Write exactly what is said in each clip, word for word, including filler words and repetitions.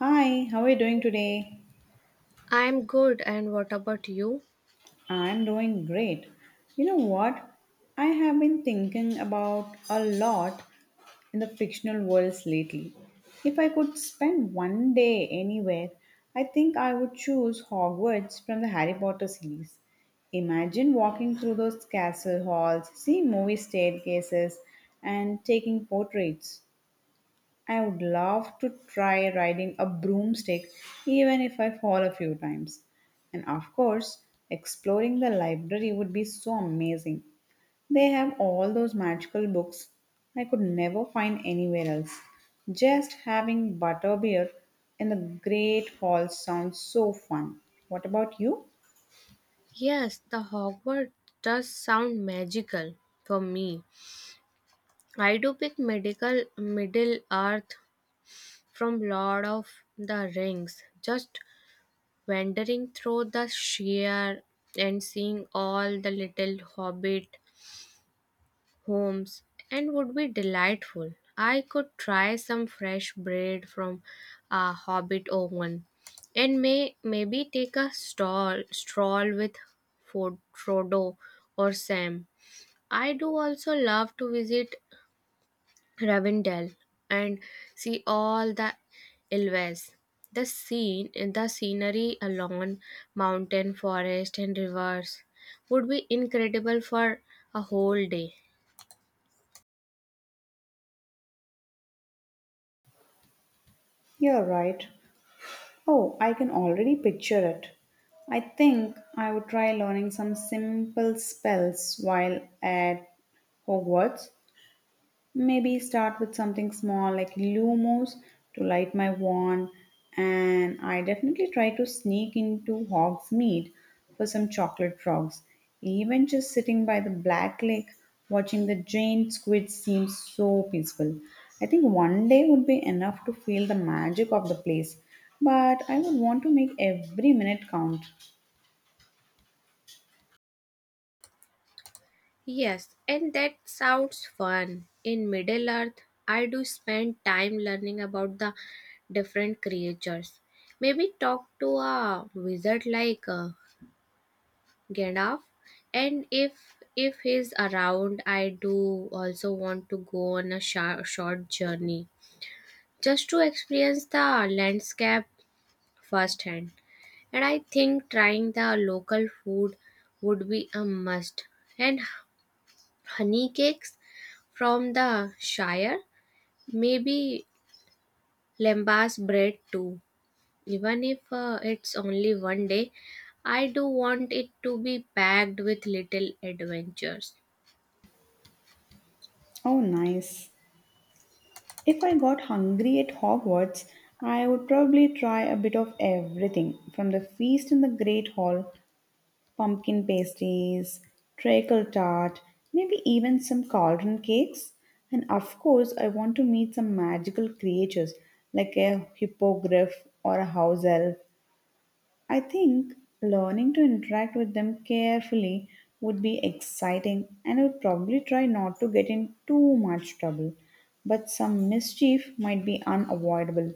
Hi, how are you doing today? I'm good, and what about you? I'm doing great. You know what? I have been thinking about a lot in the fictional worlds lately. If I could spend one day anywhere, I think I would choose Hogwarts from the Harry Potter series. Imagine walking through those castle halls, seeing movie staircases, and taking portraits. I would love to try riding a broomstick even if I fall a few times. And of course, exploring the library would be so amazing. They have all those magical books I could never find anywhere else. Just having butterbeer in the Great Hall sounds so fun. What about you? Yes, the Hogwarts does sound magical for me. I do pick medical Middle Earth from Lord of the Rings, just wandering through the sheer and seeing all the little hobbit homes and would be delightful. I could try some fresh bread from a hobbit oven and may maybe take a stroll stroll with Fo- Frodo or Sam. I do also love to visit Ravendell and see all the Ilves. The scene the scenery along mountain, forest and rivers would be incredible for a whole day. You're right. Oh, I can already picture it. I think I would try learning some simple spells while at Hogwarts. Maybe start with something small like Lumos to light my wand, and I definitely try to sneak into Hogsmeade for some chocolate frogs. Even just sitting by the Black Lake watching the giant squid seems so peaceful. I think one day would be enough to feel the magic of the place, but I would want to make every minute count. Yes, and that sounds fun. In Middle Earth, I do spend time learning about the different creatures. Maybe talk to a wizard like uh, Gandalf, and if if he's around, I do also want to go on a sha- short journey just to experience the landscape firsthand. And I think trying the local food would be a must. And honey cakes from the Shire, maybe lambas bread too. Even if uh, it's only one day, I do want it to be packed with little adventures. Oh, nice. If I got hungry at Hogwarts, I would probably try a bit of everything from the feast in the Great Hall, pumpkin pastries, treacle tart, maybe even some cauldron cakes. And of course, I want to meet some magical creatures like a hippogriff or a house elf. I think learning to interact with them carefully would be exciting, and I would probably try not to get in too much trouble, but some mischief might be unavoidable.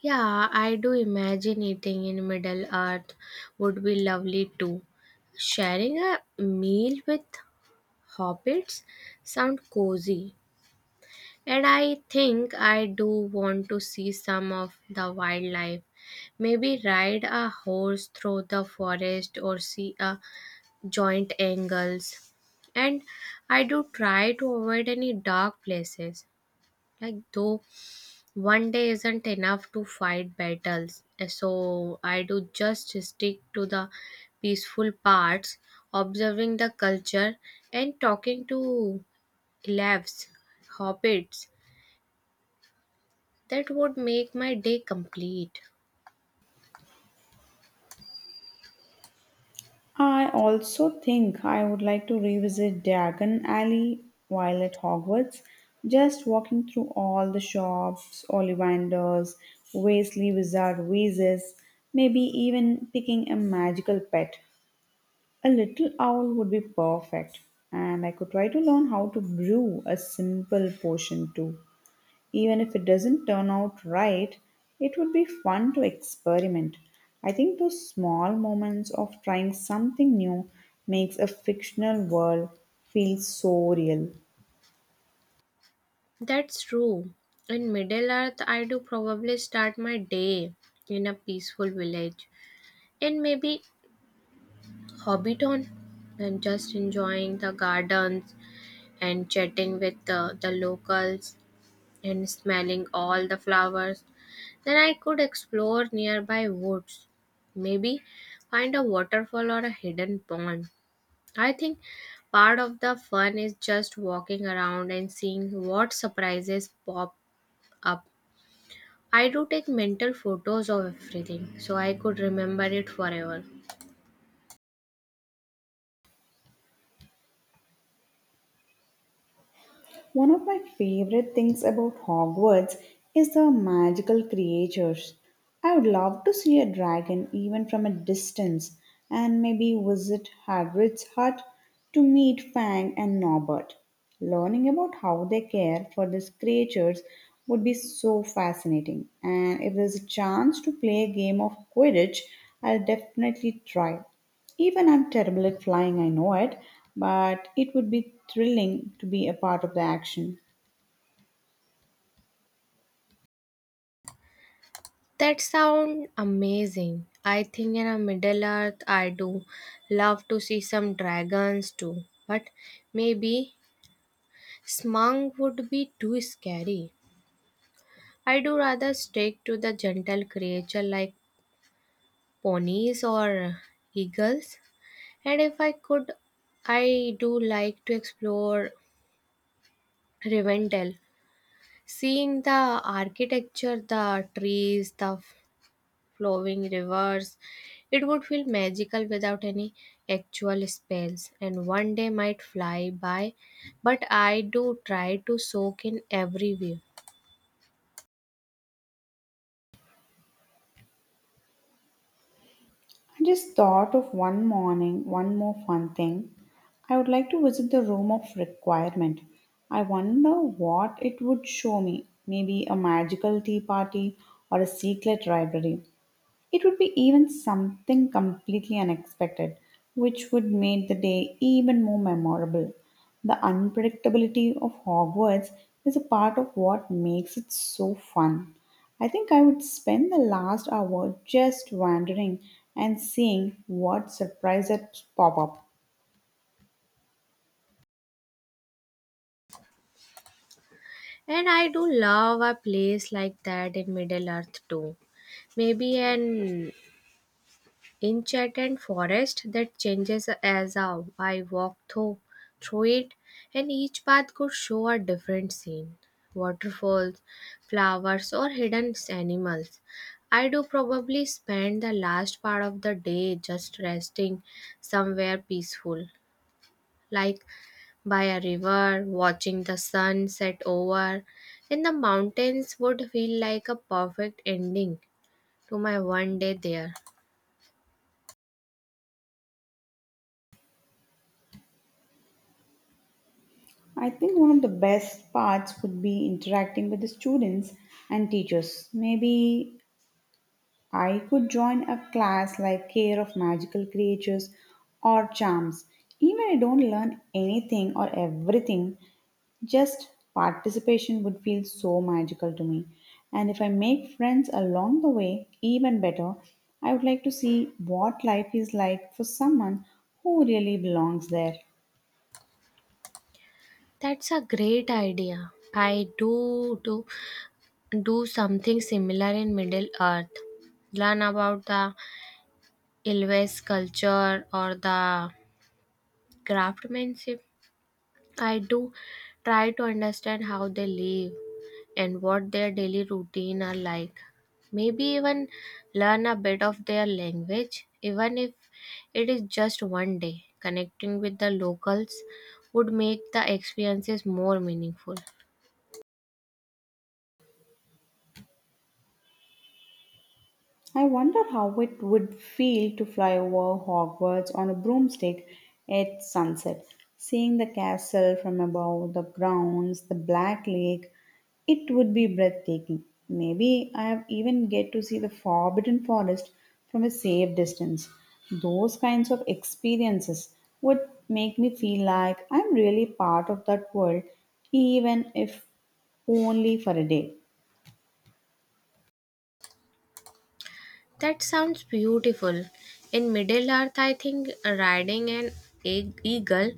Yeah, I do imagine eating in Middle Earth would be lovely too. Sharing a meal with hobbits sound cozy. And I think I do want to see some of the wildlife. Maybe ride a horse through the forest or see a joint angles. And I do try to avoid any dark places. Like though one day isn't enough to fight battles. So I do just stick to the peaceful parts, observing the culture and talking to elves, hobbits. That would make my day complete. I also think I would like to revisit Diagon Alley while at Hogwarts, just walking through all the shops, Ollivanders, Weasley Wizard Wheezes, maybe even picking a magical pet. A little owl would be perfect, and I could try to learn how to brew a simple potion too. Even if it doesn't turn out right, it would be fun to experiment. I think those small moments of trying something new makes a fictional world feel so real. That's true. In Middle Earth, I do probably start my day in a peaceful village in maybe Hobbiton and just enjoying the gardens and chatting with the, the locals and smelling all the flowers. Then I could explore nearby woods, maybe find a waterfall or a hidden pond. I think part of the fun is just walking around and seeing what surprises pop up. I do take mental photos of everything so I could remember it forever. One of my favorite things about Hogwarts is the magical creatures. I would love to see a dragon even from a distance and maybe visit Hagrid's hut to meet Fang and Norbert. Learning about how they care for these creatures would be so fascinating. And if there's a chance to play a game of Quidditch, I'll definitely try. Even I'm terrible at flying, I know it, but it would be thrilling to be a part of the action. That sound amazing. I think in a Middle Earth I do love to see some dragons too. But maybe Smung would be too scary. I do rather stick to the gentle creature like ponies or eagles. And if I could, I do like to explore Rivendell. Seeing the architecture, the trees, the flowing rivers, it would feel magical without any actual spells. And one day might fly by, but I do try to soak in every view. I just thought of one morning, one more fun thing. I would like to visit the room of requirement. I wonder what it would show me. Maybe a magical tea party or a secret library. It would be even something completely unexpected, which would make the day even more memorable. The unpredictability of Hogwarts is a part of what makes it so fun. I think I would spend the last hour just wandering and seeing what surprises pop up. And I do love a place like that in Middle Earth too. Maybe an enchanted forest that changes as uh, I walk through, through it, and each path could show a different scene waterfalls, flowers, or hidden animals. I do probably spend the last part of the day just resting somewhere peaceful, like by a river, watching the sun set over, and the mountains would feel like a perfect ending to my one day there. I think one of the best parts would be interacting with the students and teachers. Maybe I could join a class like Care of Magical Creatures or Charms. Even I don't learn anything or everything, just participation would feel so magical to me. And if I make friends along the way, even better, I would like to see what life is like for someone who really belongs there. That's a great idea. I do do do something similar in Middle Earth. Learn about the Ilves culture or the craftsmanship. I do try to understand how they live and what their daily routine are like. Maybe even learn a bit of their language, even if it is just one day. Connecting with the locals would make the experiences more meaningful. I wonder how it would feel to fly over Hogwarts on a broomstick at sunset, seeing the castle from above, the grounds, the Black Lake. It would be breathtaking. Maybe I even get to see the Forbidden Forest from a safe distance. Those kinds of experiences would make me feel like I'm really part of that world, even if only for a day. That sounds beautiful. In Middle Earth, I think riding an e- eagle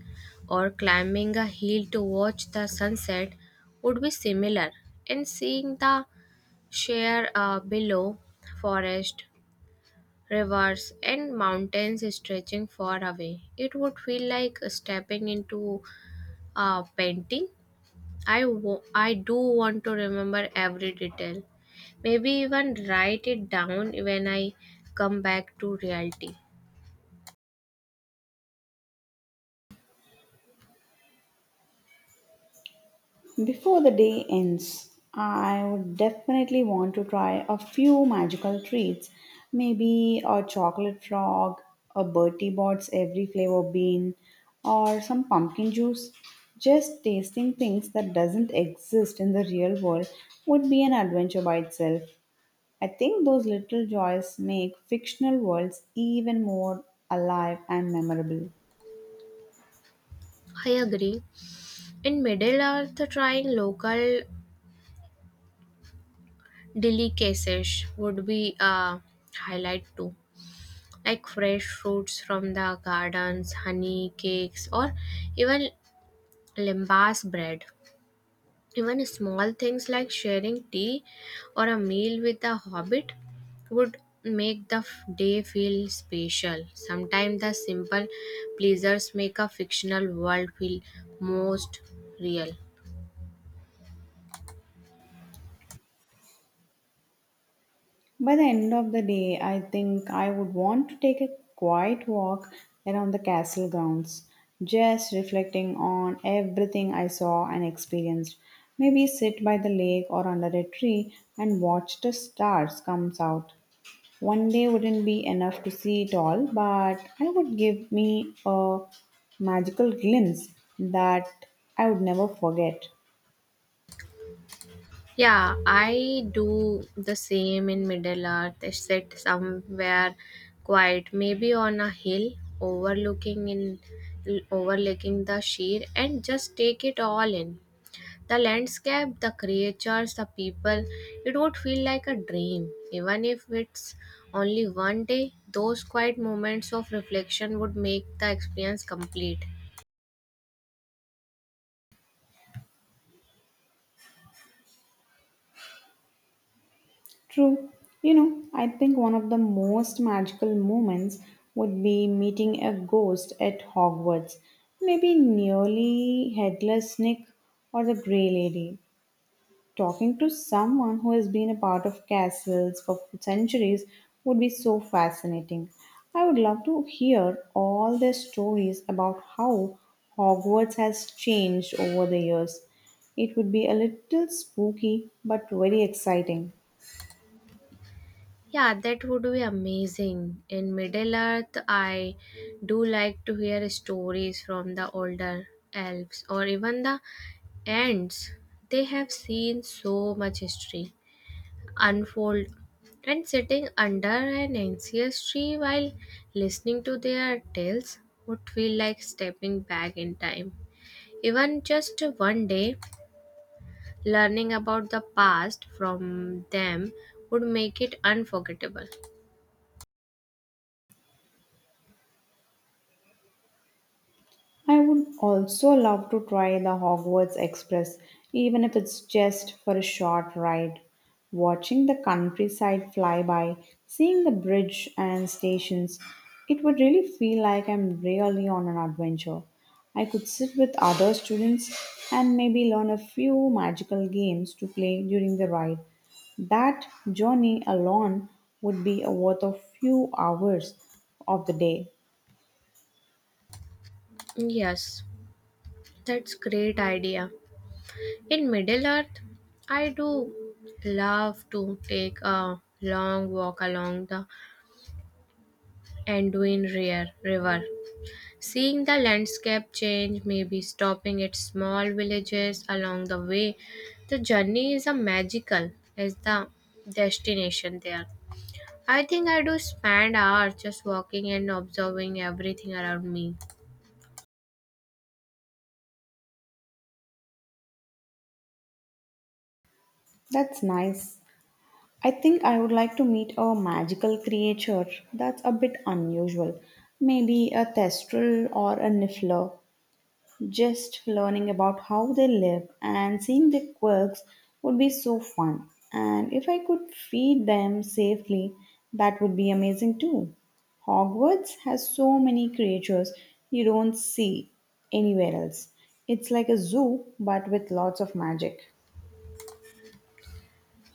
or climbing a hill to watch the sunset would be similar, and seeing the sheer uh, below forest, rivers, and mountains stretching far away. It would feel like stepping into a painting. I wo- I do want to remember every detail. Maybe even write it down when I come back to reality. Before the day ends, I would definitely want to try a few magical treats. Maybe a chocolate frog, a Bertie Bott's every flavor bean, or some pumpkin juice. Just tasting things that doesn't exist in the real world would be an adventure by itself. I think those little joys make fictional worlds even more alive and memorable. I agree. In Middle Earth, trying local delicacies would be a highlight too, like fresh fruits from the gardens, honey, cakes, or even lembas bread. Even small things like sharing tea or a meal with a hobbit would make the f- day feel special. Sometimes the simple pleasures make a fictional world feel most real. By the end of the day, I think I would want to take a quiet walk around the castle grounds, just reflecting on everything I saw and experienced. Maybe sit by the lake or under a tree and watch the stars comes out. One day wouldn't be enough to see it all, but I would give me a magical glimpse that I would never forget. Yeah, I do the same in Middle Earth. I sit somewhere quiet, maybe on a hill, overlooking in overlooking the sheer and just take it all in. The landscape, the creatures, the people, it would feel like a dream. Even if it's only one day, those quiet moments of reflection would make the experience complete. True. You know, I think one of the most magical moments would be meeting a ghost at Hogwarts. Maybe nearly Headless Nick or the Grey Lady. Talking to someone who has been a part of castles for centuries would be so fascinating. I would love to hear all their stories about how Hogwarts has changed over the years. It would be a little spooky but very exciting. Yeah, that would be amazing. In Middle Earth, I do like to hear stories from the older elves or even the ants. They have seen so much history unfold and sitting under an ancient tree while listening to their tales would feel like stepping back in time. Even just one day, learning about the past from them would make it unforgettable. I would also love to try the Hogwarts Express, even if it's just for a short ride. Watching the countryside fly by, seeing the bridge and stations, it would really feel like I'm really on an adventure. I could sit with other students and maybe learn a few magical games to play during the ride. That journey alone would be worth a few hours of the day. Yes, that's great idea. In Middle Earth, I do love to take a long walk along the Anduin Ria- River. Seeing the landscape change, maybe stopping at small villages along the way, the journey is a magical as the destination there. I think I do spend hours just walking and observing everything around me. That's nice. I think I would like to meet a magical creature that's a bit unusual. Maybe a kestrel or a niffler. Just learning about how they live and seeing their quirks would be so fun. And if I could feed them safely, that would be amazing too. Hogwarts has so many creatures you don't see anywhere else. It's like a zoo but with lots of magic.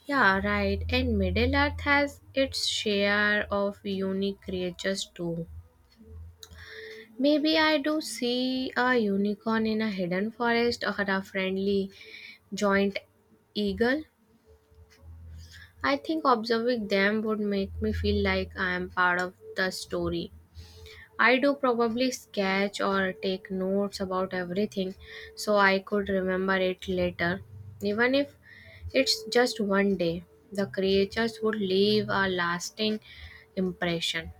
Yeah, right. And Middle Earth has its share of unique creatures too. Maybe I do see a unicorn in a hidden forest or a friendly giant eagle. I think observing them would make me feel like I am part of the story. I do probably sketch or take notes about everything so I could remember it later. Even if it's just one day, the creatures would leave a lasting impression.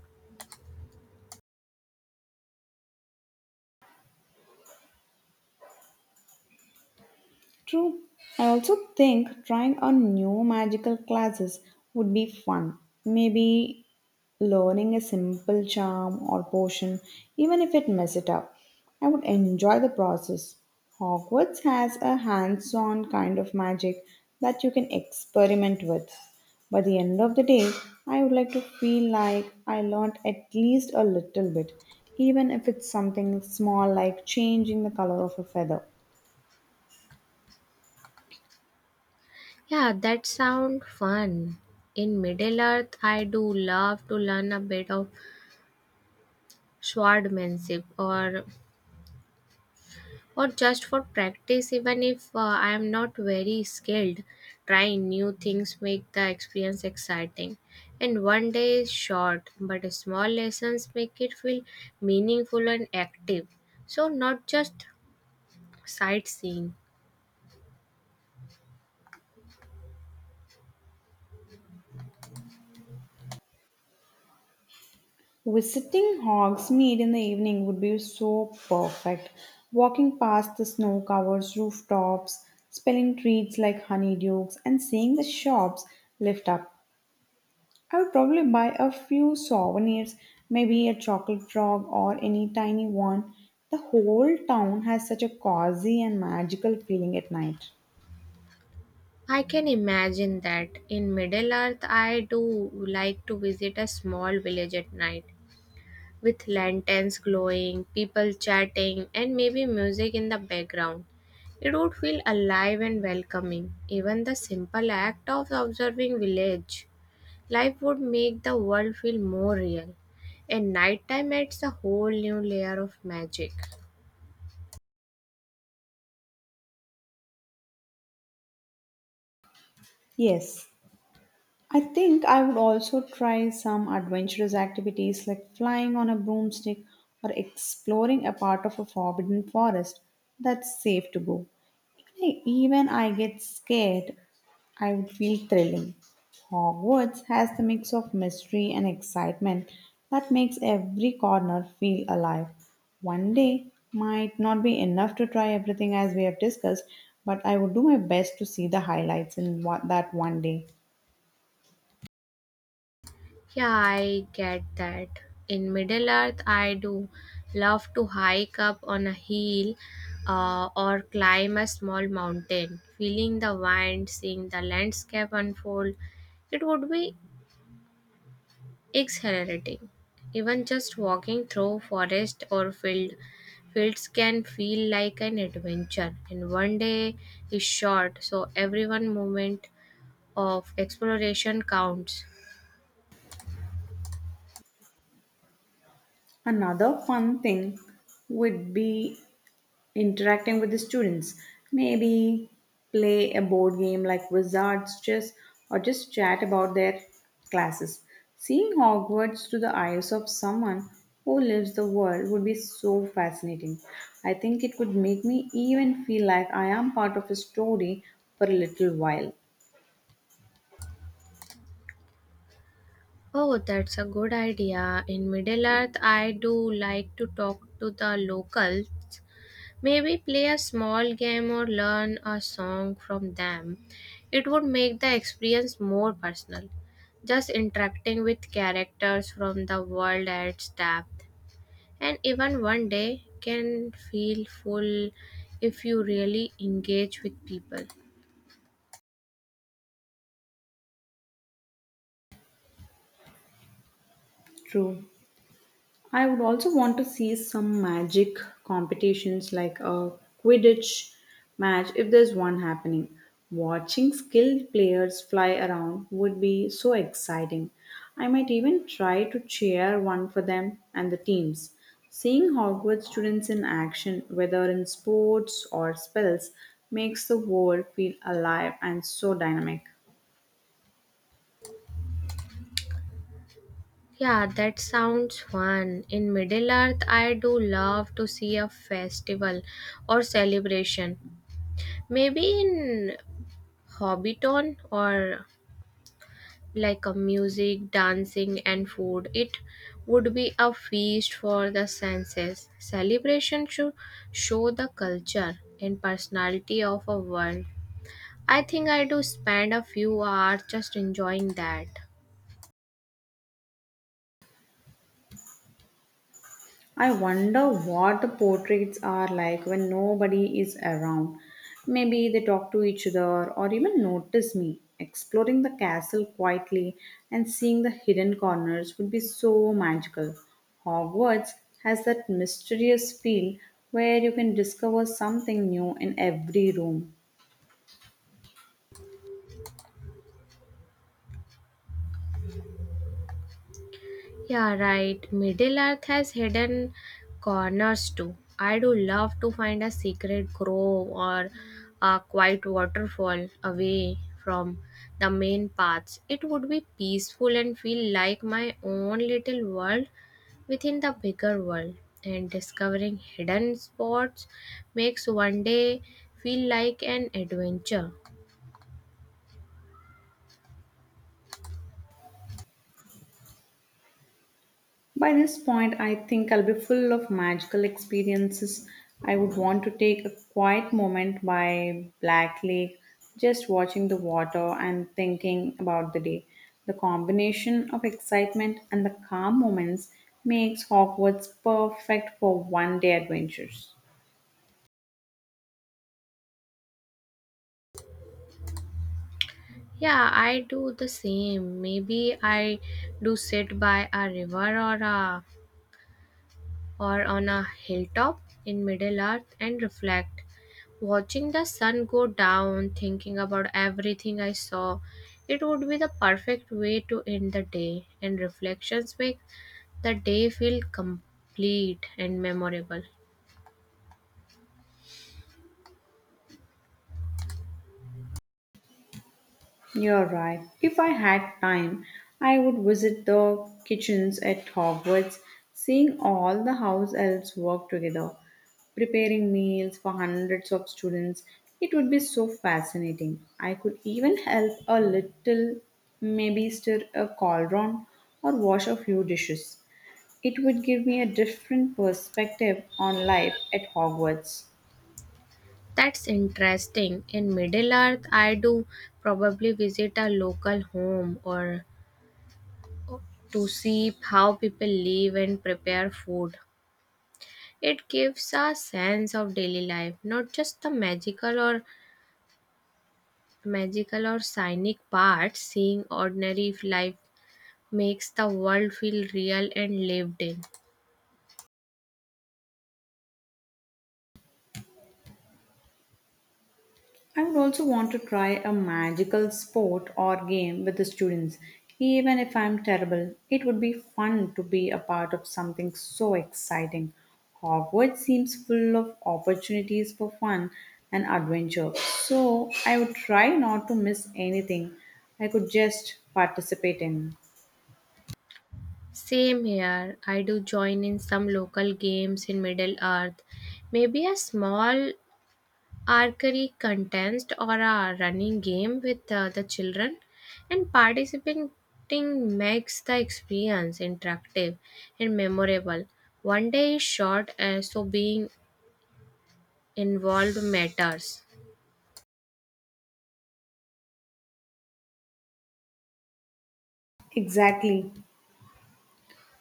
True. I also think trying on new magical classes would be fun. Maybe learning a simple charm or potion, even if it mess it up. I would enjoy the process. Hogwarts has a hands on kind of magic that you can experiment with. By the end of the day, I would like to feel like I learned at least a little bit, even if it's something small like changing the color of a feather. Yeah, that sound fun. In Middle Earth, I do love to learn a bit of swordmanship or or just for practice even if uh, I am not very skilled trying new things make the experience exciting and one day is short but small lessons make it feel meaningful and active so not just sightseeing. Visiting Hogsmeade in the evening would be so perfect. Walking past the snow covered rooftops, smelling treats like honeydews, and seeing the shops lift up. I would probably buy a few souvenirs, maybe a chocolate frog or any tiny one. The whole town has such a cozy and magical feeling at night. I can imagine that in Middle Earth I do like to visit a small village at night with lanterns glowing, people chatting, and maybe music in the background. It would feel alive and welcoming. Even the simple act of observing village life would make the world feel more real. And nighttime adds a whole new layer of magic. Yes. I think I would also try some adventurous activities like flying on a broomstick or exploring a part of a forbidden forest that's safe to go. Even I, even I get scared, I would feel thrilling. Hogwarts has the mix of mystery and excitement that makes every corner feel alive. One day might not be enough to try everything as we have discussed, but I would do my best to see the highlights in what, that one day. Yeah, I get that. In Middle Earth, I do love to hike up on a hill uh, or climb a small mountain. Feeling the wind, seeing the landscape unfold, it would be exhilarating. Even just walking through forest or field, fields can feel like an adventure. And one day is short, so every one moment of exploration counts. Another fun thing would be interacting with the students. Maybe play a board game like Wizards Chess or just chat about their classes. Seeing Hogwarts through the eyes of someone who lives the world would be so fascinating. I think it could make me even feel like I am part of a story for a little while. Oh, that's a good idea. In Middle Earth, I do like to talk to the locals. Maybe play a small game or learn a song from them. It would make the experience more personal. Just interacting with characters from the world adds depth, and even one day can feel full if you really engage with people. True. I would also want to see some magic competitions like a Quidditch match if there's one happening. Watching skilled players fly around would be so exciting. I might even try to cheer one for them and the teams. Seeing Hogwarts students in action, whether in sports or spells, makes the world feel alive and so dynamic. Yeah, that sounds fun. In Middle Earth, I do love to see a festival or celebration. Maybe in Hobbiton or like a music, dancing, and food. It would be a feast for the senses. Celebration should show the culture and personality of a world. I think I do spend a few hours just enjoying that. I wonder what the portraits are like when nobody is around. Maybe they talk to each other or even notice me. Exploring the castle quietly and seeing the hidden corners would be so magical. Hogwarts has that mysterious feel where you can discover something new in every room. Yeah, right. Middle Earth has hidden corners too. I do love to find a secret grove or a quiet waterfall away from the main paths. It would be peaceful and feel like my own little world within the bigger world. And discovering hidden spots makes one day feel like an adventure. By this point, I think I'll be full of magical experiences. I would want to take a quiet moment by Black Lake, just watching the water and thinking about the day. The combination of excitement and the calm moments makes Hogwarts perfect for one day adventures. Yeah, I do the same. Maybe I do sit by a river or a or on a hilltop in Middle Earth and reflect. Watching the sun go down, thinking about everything I saw, it would be the perfect way to end the day, and reflections make the day feel complete and memorable. You're right. If I had time, I would visit the kitchens at Hogwarts, seeing all the house elves work together, preparing meals for hundreds of students. It would be so fascinating. I could even help a little, maybe stir a cauldron or wash a few dishes. It would give me a different perspective on life at Hogwarts. That's interesting. In Middle Earth, I do probably visit a local home or to see how people live and prepare food. It gives a sense of daily life, not just the magical or magical or scenic part. Seeing ordinary life makes the world feel real and lived in. I would also want to try a magical sport or game with the students. Even if I'm terrible, it would be fun to be a part of something so exciting. Hogwarts seems full of opportunities for fun and adventure, so I would try not to miss anything I could just participate in. Same here. I do join in some local games in Middle Earth. Maybe a small archery contest or a running game with uh, the children and participating makes the experience interactive and memorable one day is short uh, so being involved matters. Exactly.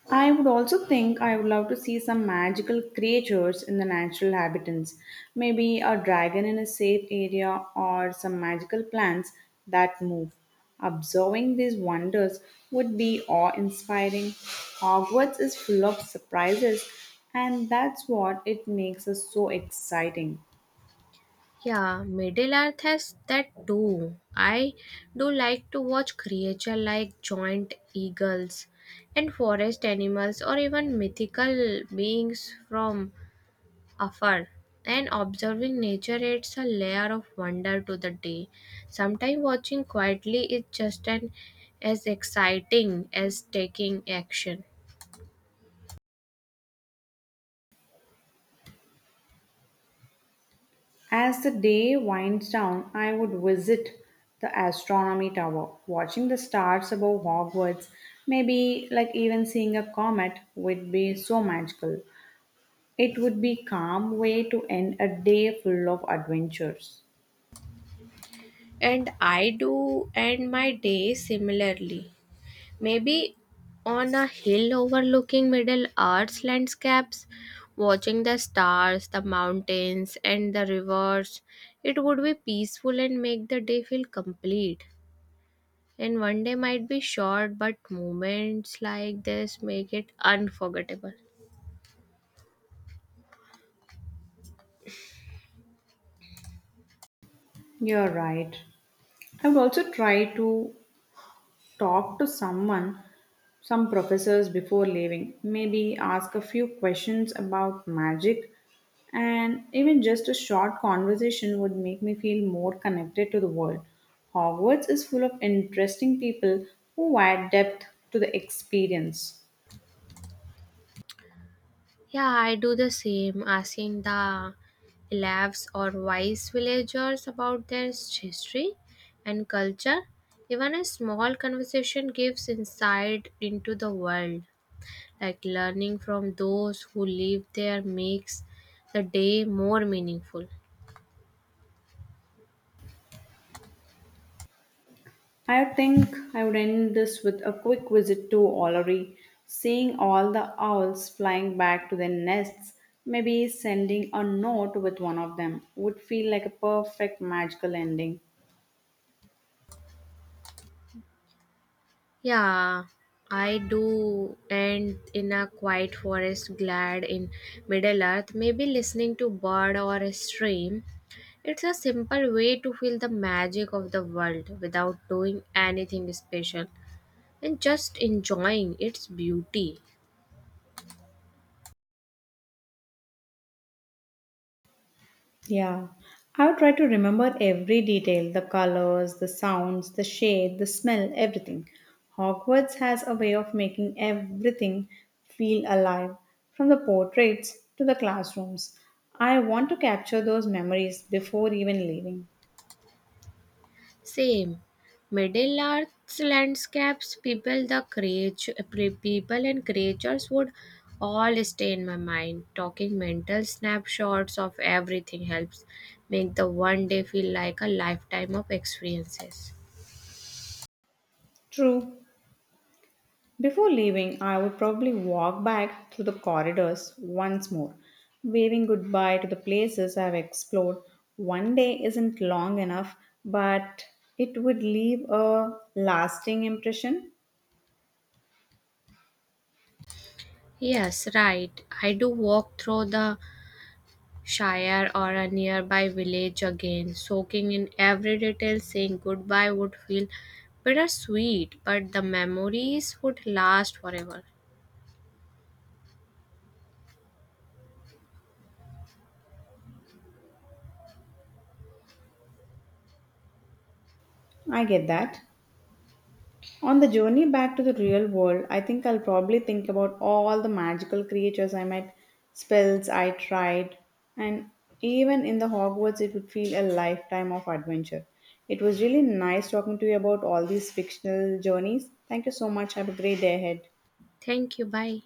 I would also think I would love to see some magical creatures in the natural habitats. Maybe a dragon in a safe area or some magical plants that move. Observing these wonders would be awe inspiring. Hogwarts is full of surprises, and that's what it makes us so exciting. Yeah, Middle Earth has that too. I do like to watch creature like giant eagles and forest animals or even mythical beings from afar and observing nature adds a layer of wonder to the day sometimes watching quietly is just an, as exciting as taking action. As the day winds down, I would visit the astronomy tower. Watching the stars above Hogwarts, maybe like even seeing a comet, would be so magical. It would be calm way to end a day full of adventures. And I do end my day similarly maybe on a hill overlooking Middle Earth's landscapes watching the stars the mountains and the rivers it would be peaceful and make the day feel complete. And one day might be short, but moments like this make it unforgettable. You're right. I would also try to talk to someone, some professors before leaving, maybe ask a few questions about magic, and even just a short conversation would make me feel more connected to the world. Hogwarts is full of interesting people who add depth to the experience. Yeah, I do the same, asking the elves or wise villagers about their history and culture. Even a small conversation gives insight into the world. Like learning from those who live there makes the day more meaningful. I think I would end this with a quick visit to Ollery, seeing all the owls flying back to their nests. Maybe sending a note with one of them would feel like a perfect magical ending. Yeah, I do. And in a quiet forest, glad in Middle Earth, maybe listening to bird or a stream. It's a simple way to feel the magic of the world without doing anything special and just enjoying its beauty. Yeah. I would try to remember every detail the colors, the sounds, the shade, the smell, everything. Hogwarts has a way of making everything feel alive, from the portraits to the classrooms. I want to capture those memories before even leaving. Same. Middle Earth's landscapes, people, the creature, people and creatures would all stay in my mind. Talking mental snapshots of everything helps make the one day feel like a lifetime of experiences. True. Before leaving, I would probably walk back through the corridors once more, waving goodbye to the places I've explored. One day isn't long enough, but it would leave a lasting impression. Yes, right. I do walk through the Shire or a nearby village again, soaking in every detail, saying goodbye would feel bittersweet, but the memories would last forever. I get that. On the journey back to the real world, I think I'll probably think about all the magical creatures I met, spells I tried, and even in the Hogwarts, it would feel a lifetime of adventure. It was really nice talking to you about all these fictional journeys. Thank you so much. Have a great day ahead. Thank you. Bye.